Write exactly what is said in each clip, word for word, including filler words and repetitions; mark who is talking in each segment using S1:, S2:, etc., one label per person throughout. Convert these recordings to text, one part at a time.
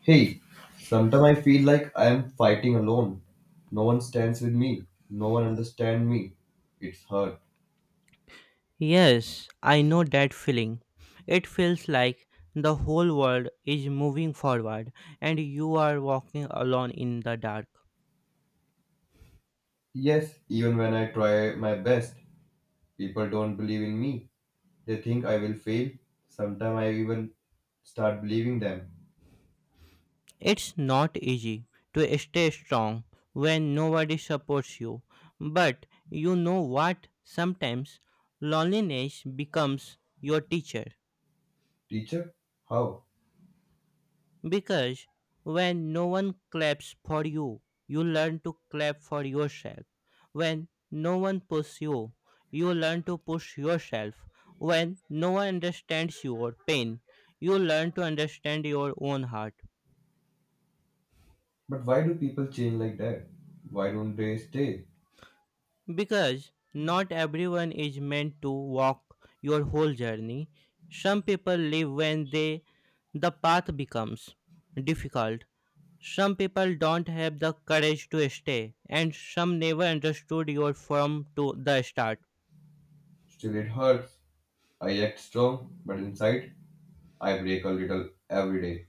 S1: Hey, sometimes I feel like I am fighting alone. No one stands with me. No one understands me. It's hard.
S2: Yes, I know that feeling. It feels like the whole world is moving forward and you are walking alone in the dark.
S1: Yes, even when I try my best, people don't believe in me. They think I will fail. Sometimes I even start believing them.
S2: It's not easy to stay strong when nobody supports you, but you know what? Sometimes loneliness becomes your teacher.
S1: Teacher? How?
S2: Because when no one claps for you, you learn to clap for yourself. When no one pushes you, you learn to push yourself. When no one understands your pain, you learn to understand your own heart.
S1: But why do people change like that? Why don't they stay?
S2: Because not everyone is meant to walk your whole journey. Some people live when they the path becomes difficult. Some people don't have the courage to stay, and some never understood your from to the start.
S1: Still, it hurts. I act strong, but inside, I break a little every day.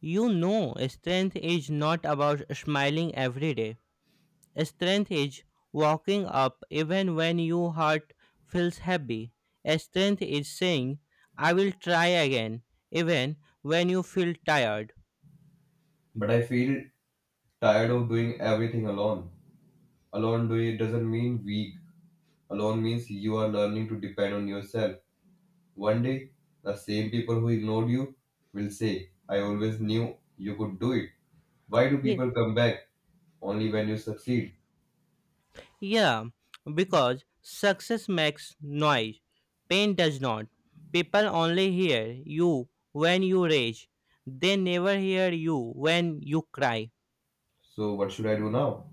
S2: You know, strength is not about smiling every day. Strength is walking up even when your heart feels heavy. Strength is saying, I will try again, even when you feel tired.
S1: But I feel tired of doing everything alone. Alone do doesn't mean weak. Alone means you are learning to depend on yourself. One day, the same people who ignored you will say, I always knew you could do it. Why do people come back only when you succeed?
S2: Yeah, because success makes noise. Pain does not. People only hear you when you rage. They never hear you when you cry.
S1: So, what should I do now?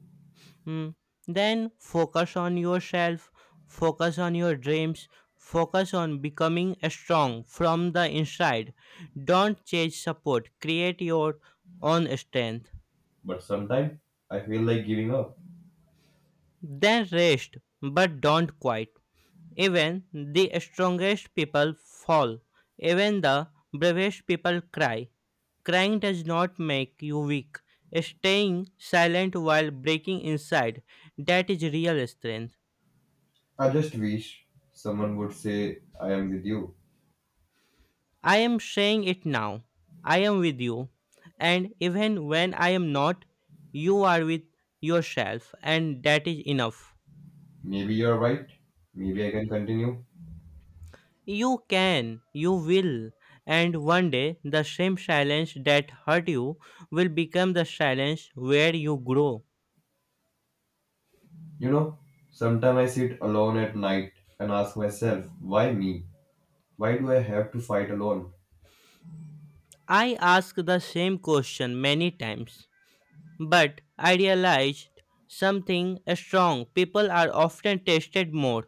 S2: Hmm. Then focus on yourself, focus on your dreams, focus on becoming strong from the inside. Don't chase support, create your own strength.
S1: But sometimes I feel like giving up.
S2: Then rest, but don't quit. Even the strongest people fall. Even the bravest people cry. Crying does not make you weak. Staying silent while breaking inside, that is real strength.
S1: I just wish someone would say, I am with you.
S2: I am saying it now. I am with you. And even when I am not, you are with yourself, and that is enough.
S1: Maybe you're right. Maybe I can continue.
S2: You can, you will, and one day the same silence that hurt you will become the silence where you grow.
S1: You know, sometimes I sit alone at night and ask myself, why me? Why do I have to fight alone?
S2: I ask the same question many times, but I realized something strong. People are often tested more.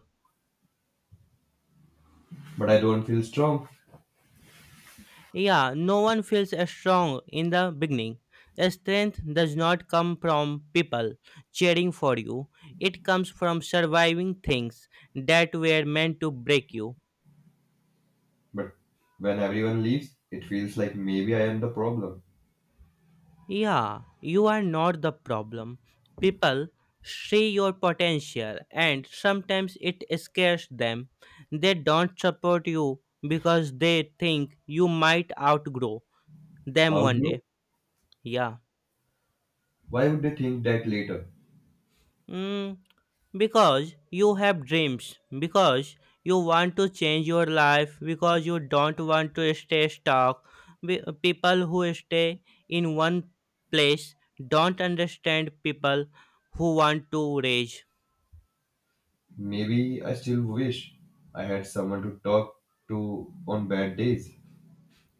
S1: But I don't feel strong.
S2: Yeah, no one feels strong in the beginning. Strength does not come from people cheering for you, it comes from surviving things that were meant to break you.
S1: But when everyone leaves, it feels like maybe I am the problem.
S2: Yeah, you are not the problem. People see your potential and sometimes it scares them. They don't support you because they think you might outgrow them one
S1: Although,
S2: day. Yeah.
S1: why would they think that later?
S2: Mm, because you have dreams, because you want to change your life, because you don't want to stay stuck. Be- People who stay in one place don't understand people who want to rage.
S1: Maybe I still wish I had someone to talk to on bad days.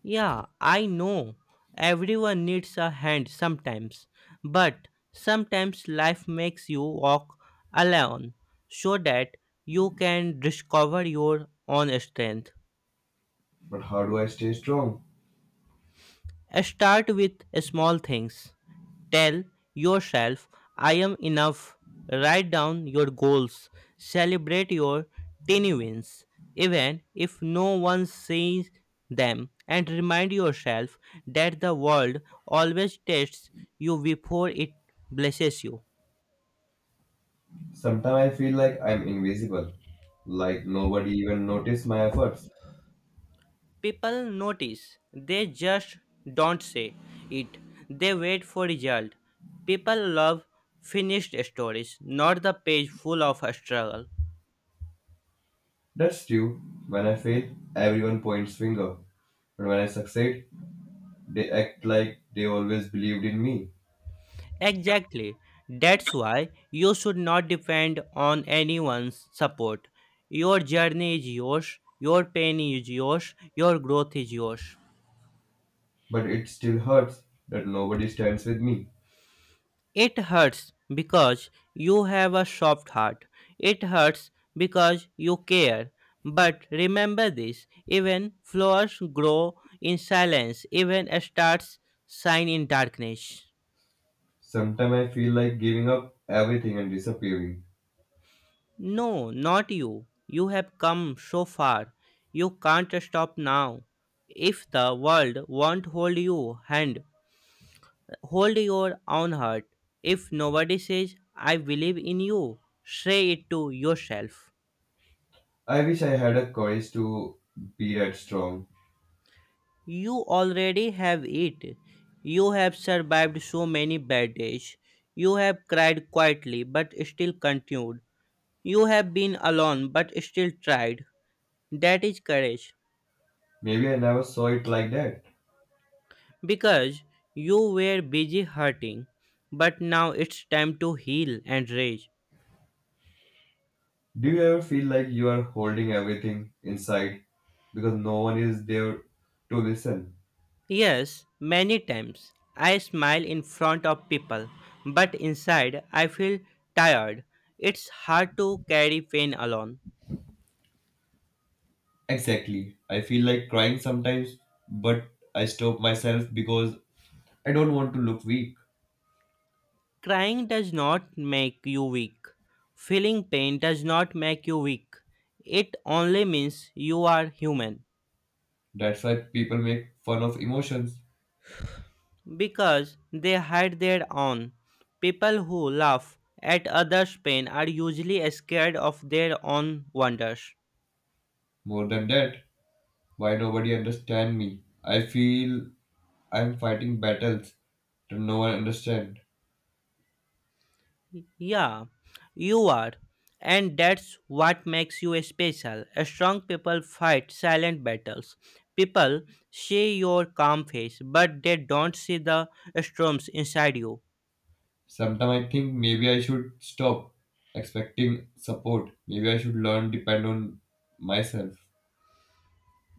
S2: Yeah, I know everyone needs a hand sometimes, but sometimes life makes you walk alone so that you can discover your own strength.
S1: But how do I stay strong?
S2: Start with small things. Tell yourself, I am enough. Write down your goals. Celebrate your tiny wins, even if no one sees them. And remind yourself that the world always tests you before it blesses you.
S1: Sometimes I feel like I'm invisible, like nobody even noticed my efforts.
S2: People notice, they just don't say it. They wait for result. People love finished stories, not the page full of a struggle.
S1: That's true. When I fail, everyone points finger. But when I succeed, they act like they always believed in me.
S2: Exactly. That's why you should not depend on anyone's support. Your journey is yours, your pain is yours, your growth is yours.
S1: But it still hurts that nobody stands with me.
S2: It hurts because you have a soft heart. It hurts because you care. But remember this, even flowers grow in silence, even stars shine in darkness.
S1: Sometimes I feel like giving up everything and disappearing.
S2: No, not you. You have come so far. You can't stop now. If the world won't hold you hand, hold your own heart. If nobody says, I believe in you, say it to yourself.
S1: I wish I had a courage to be that strong.
S2: You already have it. You have survived so many bad days. You have cried quietly but still continued. You have been alone but still tried. That is courage.
S1: Maybe I never saw it like that.
S2: Because you were busy hurting, but now it's time to heal and rage.
S1: Do you ever feel like you are holding everything inside because no one is there to listen?
S2: Yes, many times I smile in front of people, but inside I feel tired. It's hard to carry pain alone.
S1: Exactly. I feel like crying sometimes, but I stop myself because I don't want to look weak.
S2: Crying does not make you weak. Feeling pain does not make you weak. It only means you are human.
S1: That's why people make fun of emotions.
S2: Because they hide their own. People who laugh at others' pain are usually scared of their own wonders.
S1: More than that, why nobody understand me? I feel I am fighting battles that no one understand.
S2: Yeah, you are. And that's what makes you special. Strong people fight silent battles. People see your calm face, but they don't see the storms inside you.
S1: Sometimes I think maybe I should stop expecting support. Maybe I should learn depend on myself.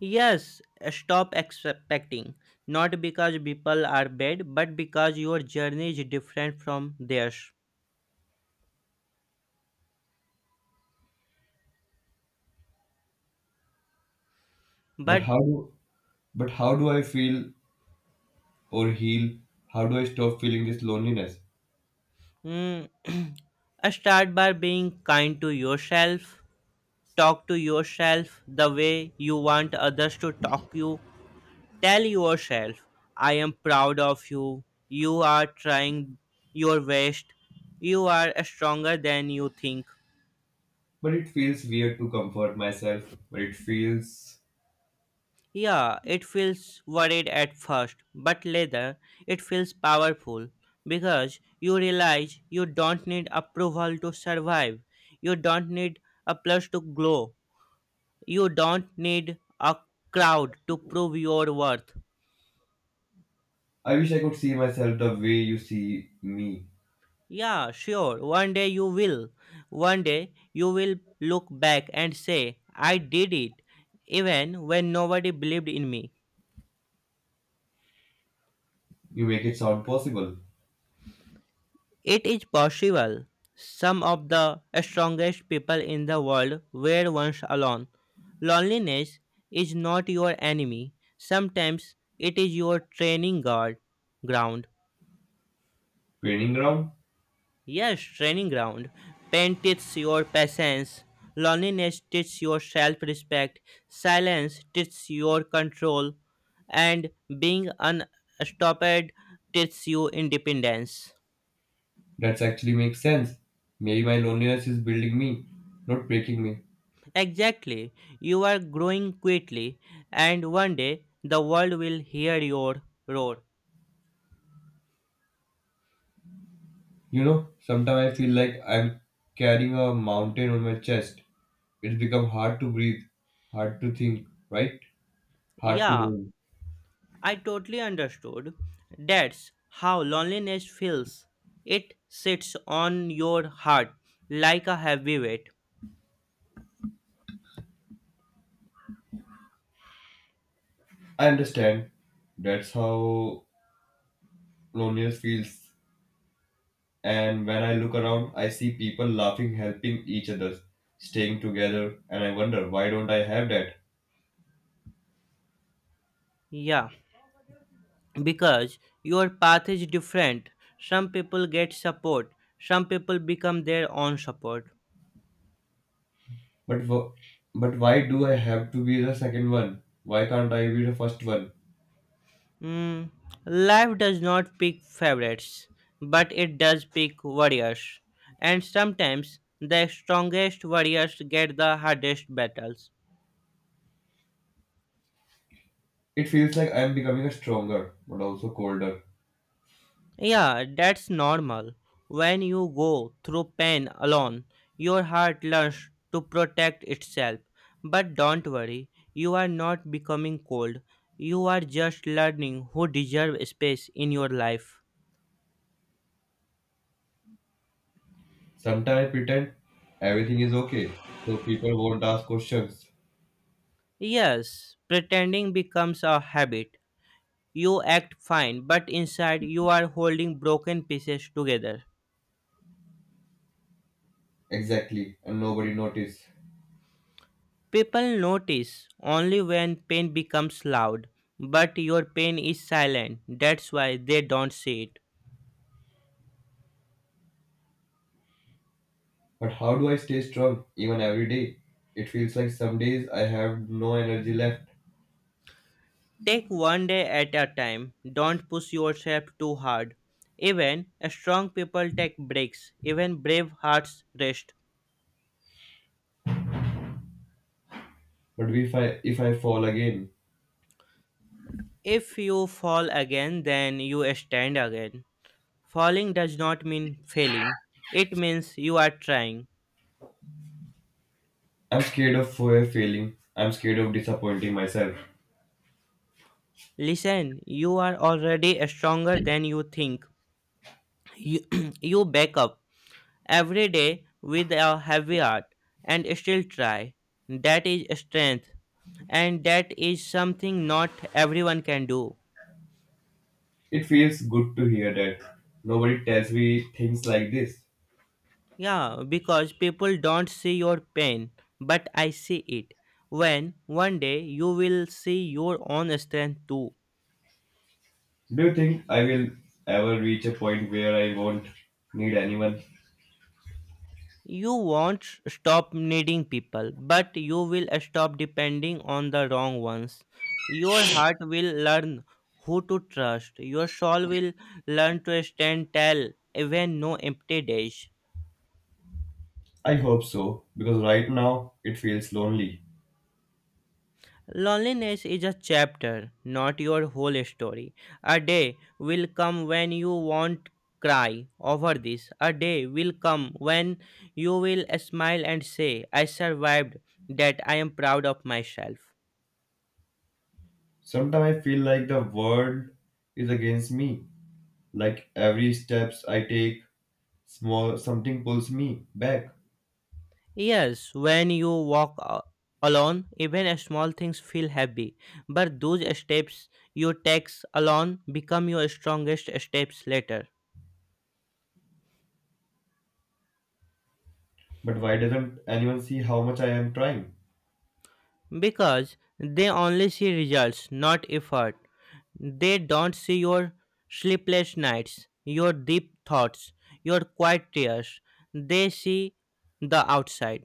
S2: Yes, stop expecting. Not because people are bad, but because your journey is different from theirs.
S1: But
S2: But
S1: how do but how do I feel or heal? How do I stop feeling this loneliness?
S2: mm, start by being kind to yourself. Talk to yourself the way you want others to talk you. Tell yourself, I am proud of you. You are trying your best. You are stronger than you think.
S1: But it feels weird to comfort myself. But it feels
S2: Yeah, it feels worried at first, but later it feels powerful because you realize you don't need approval to survive. You don't need a plus to glow. You don't need a crowd to prove your worth.
S1: I wish I could see myself the way you see me.
S2: Yeah, sure, one day you will. One day you will look back and say, I did it, even when nobody believed in me.
S1: You make it sound possible.
S2: It is possible. Some of the strongest people in the world were once alone. Loneliness is not your enemy. Sometimes it is your training guard ground.
S1: Training ground?
S2: Yes, training ground. Pain teaches your patience. Loneliness teaches your self-respect. Silence teaches your control. And being unstopped teaches you independence.
S1: That's actually makes sense. Maybe my loneliness is building me, not breaking me.
S2: Exactly. You are growing quickly, and one day the world will hear your roar.
S1: You know, sometimes I feel like I'm carrying a mountain on my chest. It's become hard to breathe, hard to think, right? Hard to
S2: Yeah,
S1: move.
S2: I totally understood. That's how loneliness feels. It sits on your heart like a heavy weight.
S1: I understand. That's how loneliness feels. And when I look around, I see people laughing, helping each other, staying together, and I wonder why don't I have that?
S2: Yeah, because your path is different. Some people get support, some people become their own support.
S1: But wh- but why do I have to be the second one? Why can't I be the first one?
S2: Mm, life does not pick favorites, but it does pick warriors. And sometimes the strongest warriors get the hardest battles.
S1: It feels like I'm becoming stronger, but also colder.
S2: Yeah, that's normal. When you go through pain alone, your heart learns to protect itself. But don't worry, you are not becoming cold. You are just learning who deserve space in your life.
S1: Sometimes I pretend everything is okay, so people won't ask questions
S2: Yes, pretending becomes a habit. You act fine, but inside you are holding broken pieces together.
S1: exactly and nobody notice.
S2: People notice only when pain becomes loud, but your pain is silent. That's why they don't see it.
S1: But how do I stay strong even every day? It feels like some days I have no energy left.
S2: Take one day at a time. Don't push yourself too hard. Even strong people take breaks. Even brave hearts rest.
S1: But if I if I fall again,
S2: If you fall again, then you stand again. Falling does not mean failing. It means you are trying.
S1: I'm scared of fa- failing. I'm scared of disappointing myself.
S2: Listen, you are already stronger than you think. You, you back up every day with a heavy heart and still try. That is strength, and that is something not everyone can do.
S1: It feels good to hear that nobody tells me things like this.
S2: Yeah, because people don't see your pain, but I see it. When one day you will see your own strength too.
S1: Do you think I will ever reach a point where I won't need anyone?
S2: You won't stop needing people, but you will stop depending on the wrong ones. Your heart will learn who to trust. Your soul will learn to stand tall even no empty days.
S1: I hope so, because right now it feels lonely.
S2: Loneliness is a chapter, not your whole story. A day will come when you won't cry over this. A day will come when you will smile and say, I survived that I am proud of myself.
S1: Sometimes I feel like the world is against me. Like every steps I take, small something pulls me back.
S2: Yes, when you walk a- alone, even a small things feel heavy. But those steps you take alone become your strongest steps later.
S1: But why doesn't anyone see how much I am trying?
S2: Because they only see results, not effort. They don't see your sleepless nights, your deep thoughts, your quiet tears. They see the outside.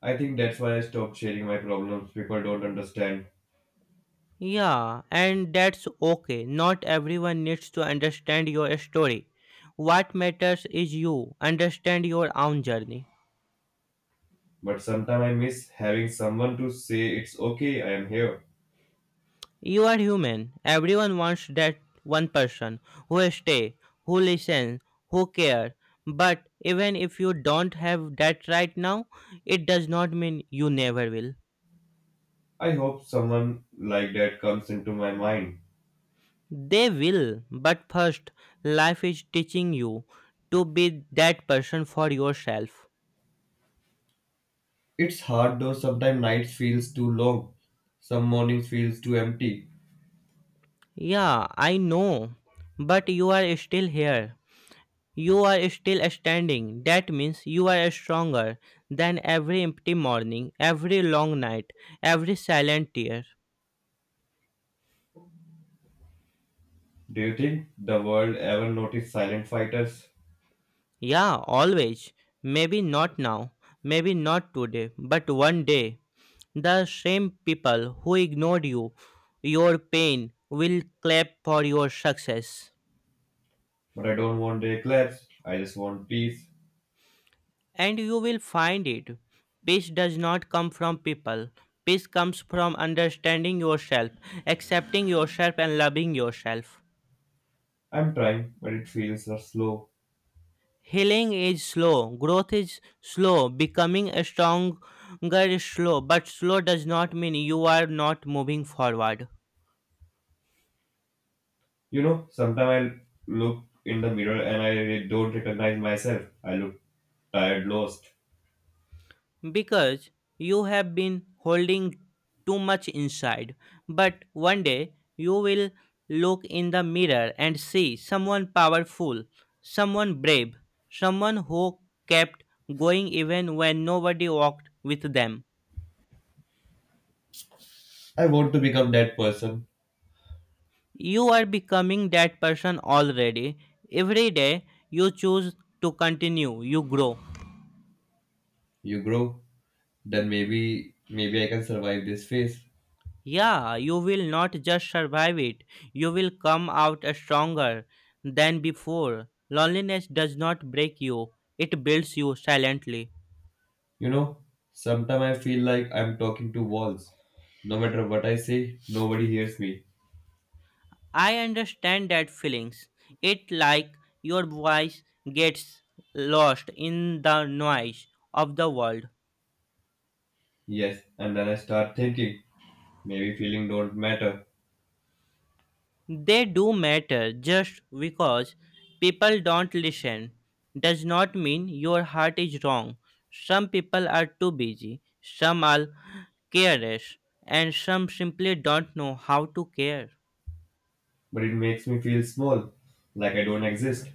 S1: I think that's why I stopped sharing my problems. People don't understand.
S2: Yeah, and that's okay. Not everyone needs to understand your story. What matters is you understand your own journey.
S1: But sometimes I miss having someone to say it's okay, I am here.
S2: You are human. Everyone wants that one person who stay, who listen, who care. But even if you don't have that right now, it does not mean you never will.
S1: I hope someone like that comes into my mind.
S2: They will, but first, life is teaching you to be that person for yourself.
S1: It's hard though sometimes nights feels too long. Some mornings feels too empty.
S2: Yeah, I know. But you are still here. You are still standing. That means you are stronger than every empty morning, every long night, every silent tear.
S1: Do you think the world ever noticed silent fighters?
S2: Yeah, always. Maybe not now. Maybe not today. But one day, the same people who ignored you, your pain, will clap for your success.
S1: But I don't want a collapse. I just want peace.
S2: And you will find it. Peace does not come from people. Peace comes from understanding yourself, accepting yourself, and loving yourself.
S1: I'm trying, but it feels so slow.
S2: Healing is slow, growth is slow, becoming a stronger is slow, but slow does not mean you are not moving forward.
S1: You know, sometimes I look in the mirror and I really don't recognize myself. I look tired, lost.
S2: Because you have been holding too much inside. But one day you will look in the mirror and see someone powerful, someone brave, someone who kept going even when nobody walked with them.
S1: I want to become that person.
S2: You are becoming that person already. Every day you choose to continue, you grow.
S1: You grow, then maybe maybe I can survive this phase.
S2: Yeah, you will not just survive it, you will come out stronger than before. Loneliness does not break you, it builds you silently.
S1: You know, sometimes I feel like I'm talking to walls. No matter what I say, nobody hears me.
S2: I understand that feelings. It like your voice gets lost in the noise of the world.
S1: Yes, and then I start thinking maybe feeling don't matter,
S2: They do matter, just because people don't listen does not mean your heart is wrong. Some people are too busy, some are careless, and some simply don't know how to care.
S1: but it makes me feel small, like I don't exist.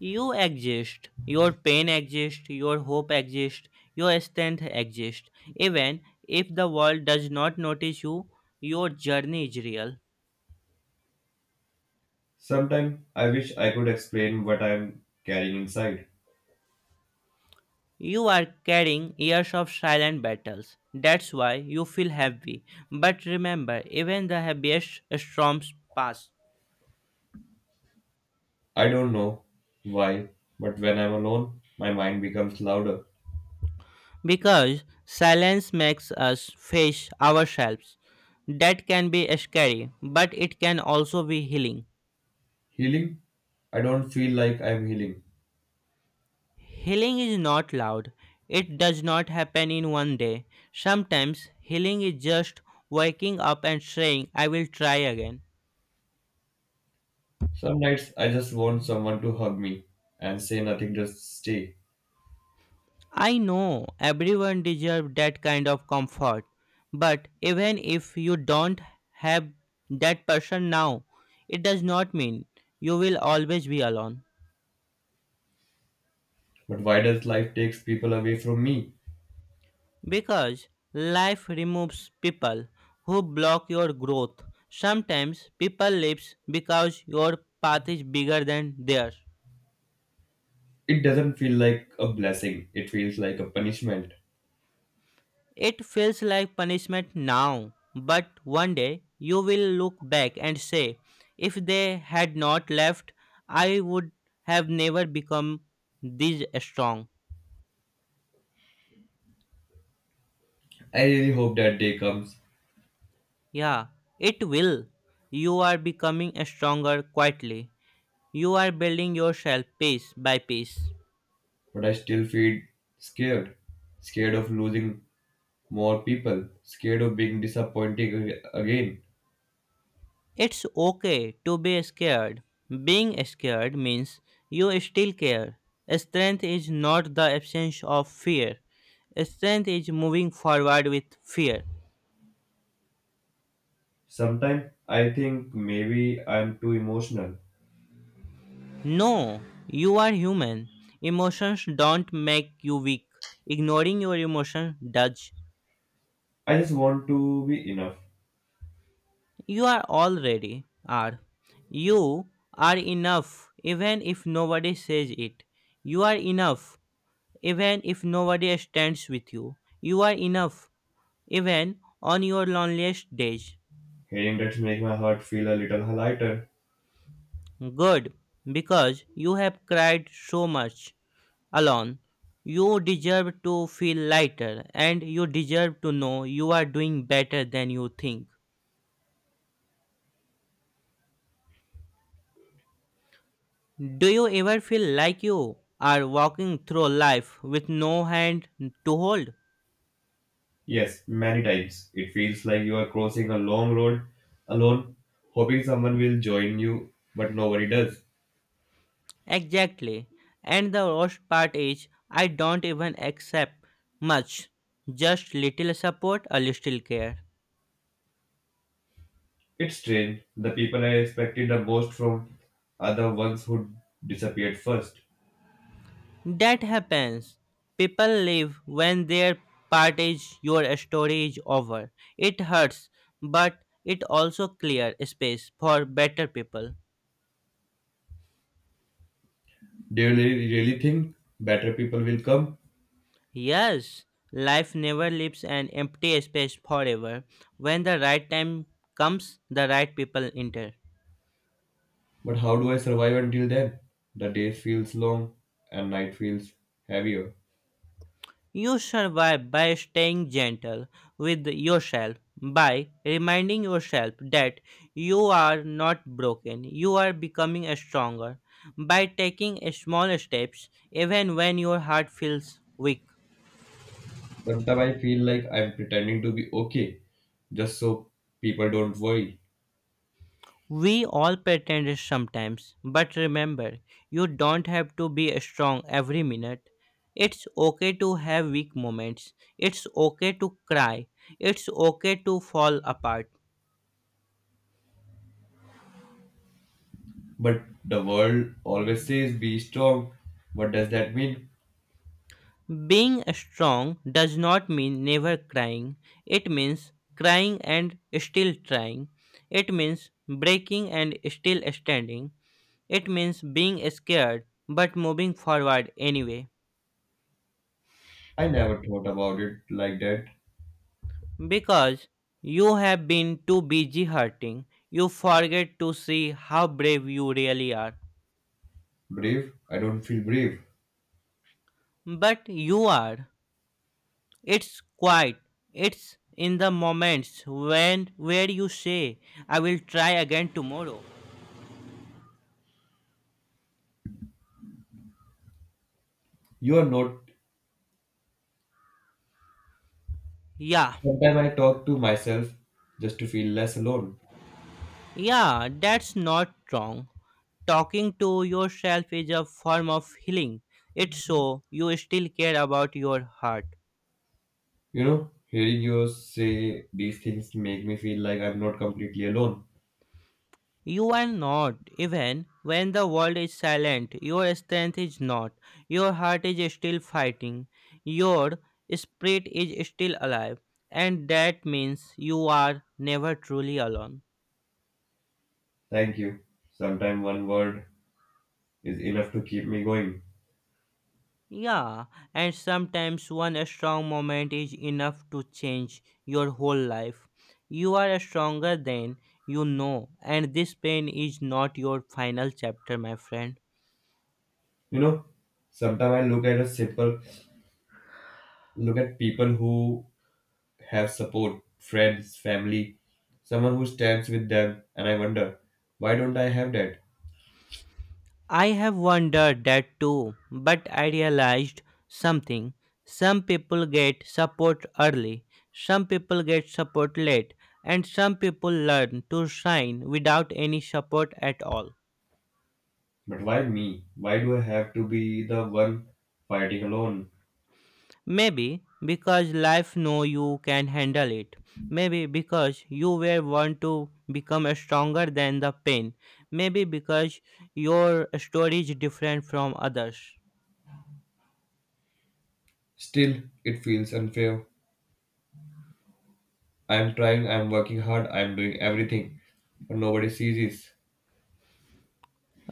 S2: You exist, your pain exists, your hope exists, your strength exists. Even if the world does not notice you, your journey is real.
S1: Sometime I wish I could explain what I'm carrying inside.
S2: You are carrying years of silent battles. That's why you feel heavy. But remember, even the heaviest storms pass.
S1: I don't know why, but when I'm alone, my mind becomes louder.
S2: Because silence makes us face ourselves. That can be scary, but it can also be healing.
S1: Healing? I don't feel like I'm healing.
S2: Healing is not loud, it does not happen in one day. Sometimes healing is just waking up and saying, I will try again.
S1: Some nights I just want someone to hug me and say nothing, just stay.
S2: I know everyone deserves that kind of comfort, but even if you don't have that person now, it does not mean you will always be alone.
S1: But why does life takes people away from me?
S2: Because life removes people who block your growth. Sometimes people leaves because your path is bigger than theirs.
S1: It doesn't feel like a blessing, it feels like a punishment.
S2: It feels like punishment now, but one day you will look back and say, if they had not left, I would have never become this strong.
S1: I really hope that day comes,
S2: Yeah, it will. You are becoming stronger quietly. You are building yourself piece by piece.
S1: but I still feel scared. Scared of losing more people scared of being disappointing ag- again.
S2: It's okay to be scared. Being scared means you still care. Strength is not the absence of fear. Strength is moving forward with fear.
S1: Sometimes I think maybe I'm too emotional.
S2: No, you are human. Emotions don't make you weak. Ignoring your emotions does.
S1: I just want to be enough.
S2: You are already are. You are enough even if nobody says it. You are enough even if nobody stands with you. You are enough even on your loneliest days.
S1: Hearing that makes my heart feel a little lighter.
S2: Good, because you have cried so much alone. You deserve to feel lighter and you deserve to know you are doing better than you think. Do you ever feel like you are walking through life with no hand to hold?
S1: Yes, many times it feels like you are crossing a long road alone, hoping someone will join you, but nobody does.
S2: Exactly. And the worst part is, I don't even accept much, just little support, a little care.
S1: It's strange. The people I expected the most from are the ones who disappeared first.
S2: That happens. People leave when their part is your story is over. It hurts, but it also clears space for better people.
S1: Do you really really think better people will come?
S2: Yes, life never leaves an empty space forever. When the right time comes, the right people enter.
S1: But how do I survive until then? The day feels long and night feels heavier.
S2: You survive by staying gentle with yourself, by reminding yourself that you are not broken, you are becoming stronger, by taking small steps even when your heart feels weak.
S1: Sometimes I feel like I'm pretending to be okay just so people don't worry.
S2: We all pretend sometimes, but remember, you don't have to be strong every minute. It's okay to have weak moments. It's okay to cry. It's okay to fall apart.
S1: But the world always says be strong. What does that mean?
S2: Being strong does not mean never crying. It means crying and still trying. It means breaking and still standing. It means being scared but moving forward anyway.
S1: I never thought about it like that.
S2: Because you have been too busy hurting, you forget to see how brave you really are.
S1: Brave? I don't feel brave.
S2: But you are. It's quiet. It's in the moments when where you say, I will try again tomorrow.
S1: You are not.
S2: Yeah,
S1: Sometimes I talk to myself just to feel less alone.
S2: yeah, that's not wrong. Talking to yourself is a form of healing. It's so you still care about your heart.
S1: You know, hearing you say these things make me feel like I'm not completely alone.
S2: You are not. Even when the world is silent, your strength is not. Your heart is still fighting. Your spirit is still alive. And that means you are never truly alone.
S1: Thank you. Sometimes one word is enough to keep me going.
S2: Yeah, and sometimes one strong moment is enough to change your whole life. You are stronger than you know, and this pain is not your final chapter, my friend.
S1: You know, sometimes I look at a simple, look at people who have support, friends, family, someone who stands with them, and I wonder, why don't I have that?
S2: I have wondered that too, but I realized something. Some people get support early, some people get support late, and some people learn to shine without any support at all.
S1: But why me? Why do I have to be the one fighting alone?
S2: Maybe because life know you can handle it. Maybe because you were want to become stronger than the pain. Maybe because your story is different from others.
S1: Still, it feels unfair. I am trying, I am working hard, I am doing everything, but nobody sees this.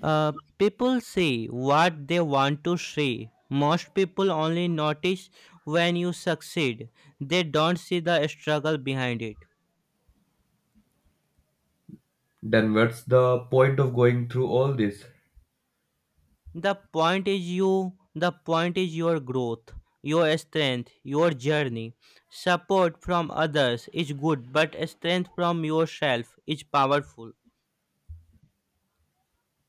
S2: Uh, people see what they want to see. Most people only notice when you succeed. They don't see the struggle behind it.
S1: Then what's the point of going through all this?
S2: The point is you the point is your growth, your strength, your journey. Support from others is good, but strength from yourself is powerful.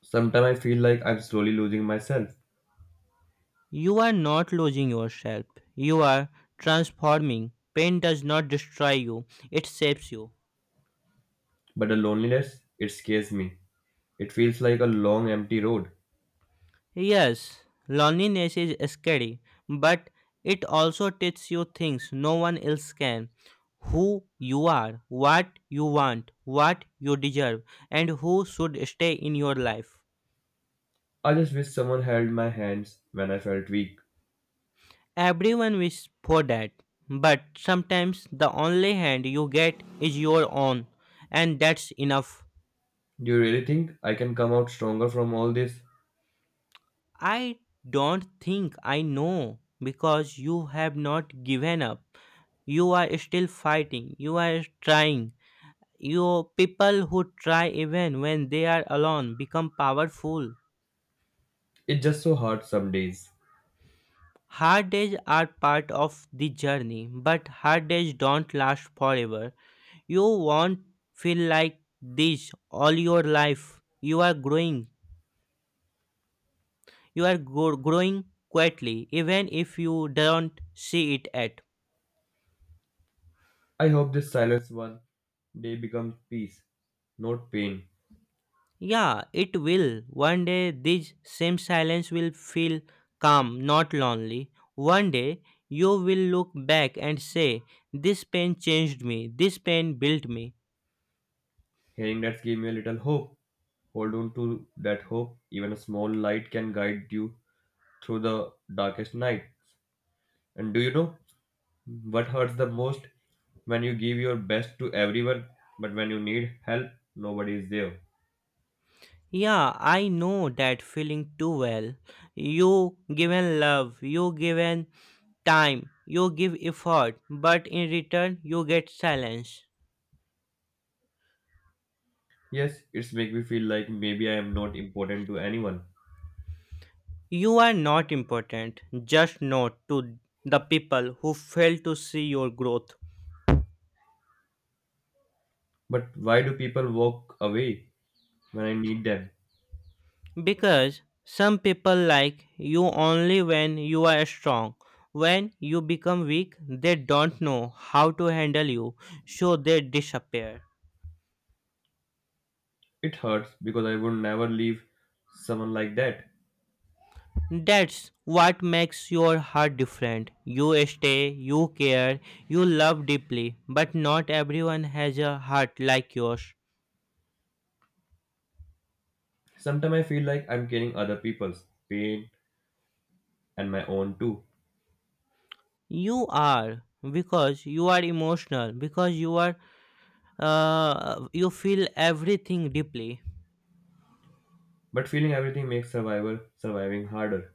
S1: Sometimes I feel like I'm slowly losing myself,
S2: You are not losing yourself, you are transforming. Pain does not destroy you, it shapes you.
S1: but the loneliness, it scares me. It feels like a long empty road.
S2: Yes, loneliness is scary, but it also teaches you things no one else can. Who you are, what you want, what you deserve, and who should stay in your life.
S1: I just wish someone held my hands when I felt weak.
S2: Everyone wishes for that, but sometimes the only hand you get is your own, and that's enough.
S1: Do you really think I can come out stronger from all this?
S2: I don't think, I know, because you have not given up. You are still fighting, you are trying. You people who try even when they are alone become powerful.
S1: It's just so hard some days.
S2: Hard days are part of the journey, but hard days don't last forever. You won't feel like this all your life. You are growing. You are gro- growing quietly, even if you don't see it at.
S1: I hope this silence one day becomes peace, not pain.
S2: Yeah, it will. One day, this same silence will feel calm, not lonely. One day, you will look back and say, this pain changed me, this pain built me.
S1: Hearing that gave me a little hope. Hold on to that hope. Even a small light can guide you through the darkest night. And do you know what hurts the most? When you give your best to everyone, but when you need help, nobody is there.
S2: Yeah, I know that feeling too well. You given love, you given time, you give effort, but in return, you get silence.
S1: Yes, it's make me feel like maybe I am not important to anyone.
S2: You are not important, just not to the people who fail to see your growth.
S1: But why do people walk away when I need them?
S2: Because some people like you only when you are strong. When you become weak, they don't know how to handle you, so they disappear.
S1: It hurts because I would never leave someone like that.
S2: That's what makes your heart different. You stay, you care, you love deeply, but not everyone has a heart like yours.
S1: Sometimes I feel like I'm carrying other people's pain and my own too.
S2: You are because you are emotional, because you are uh, you feel everything deeply.
S1: But feeling everything makes survivor surviving harder.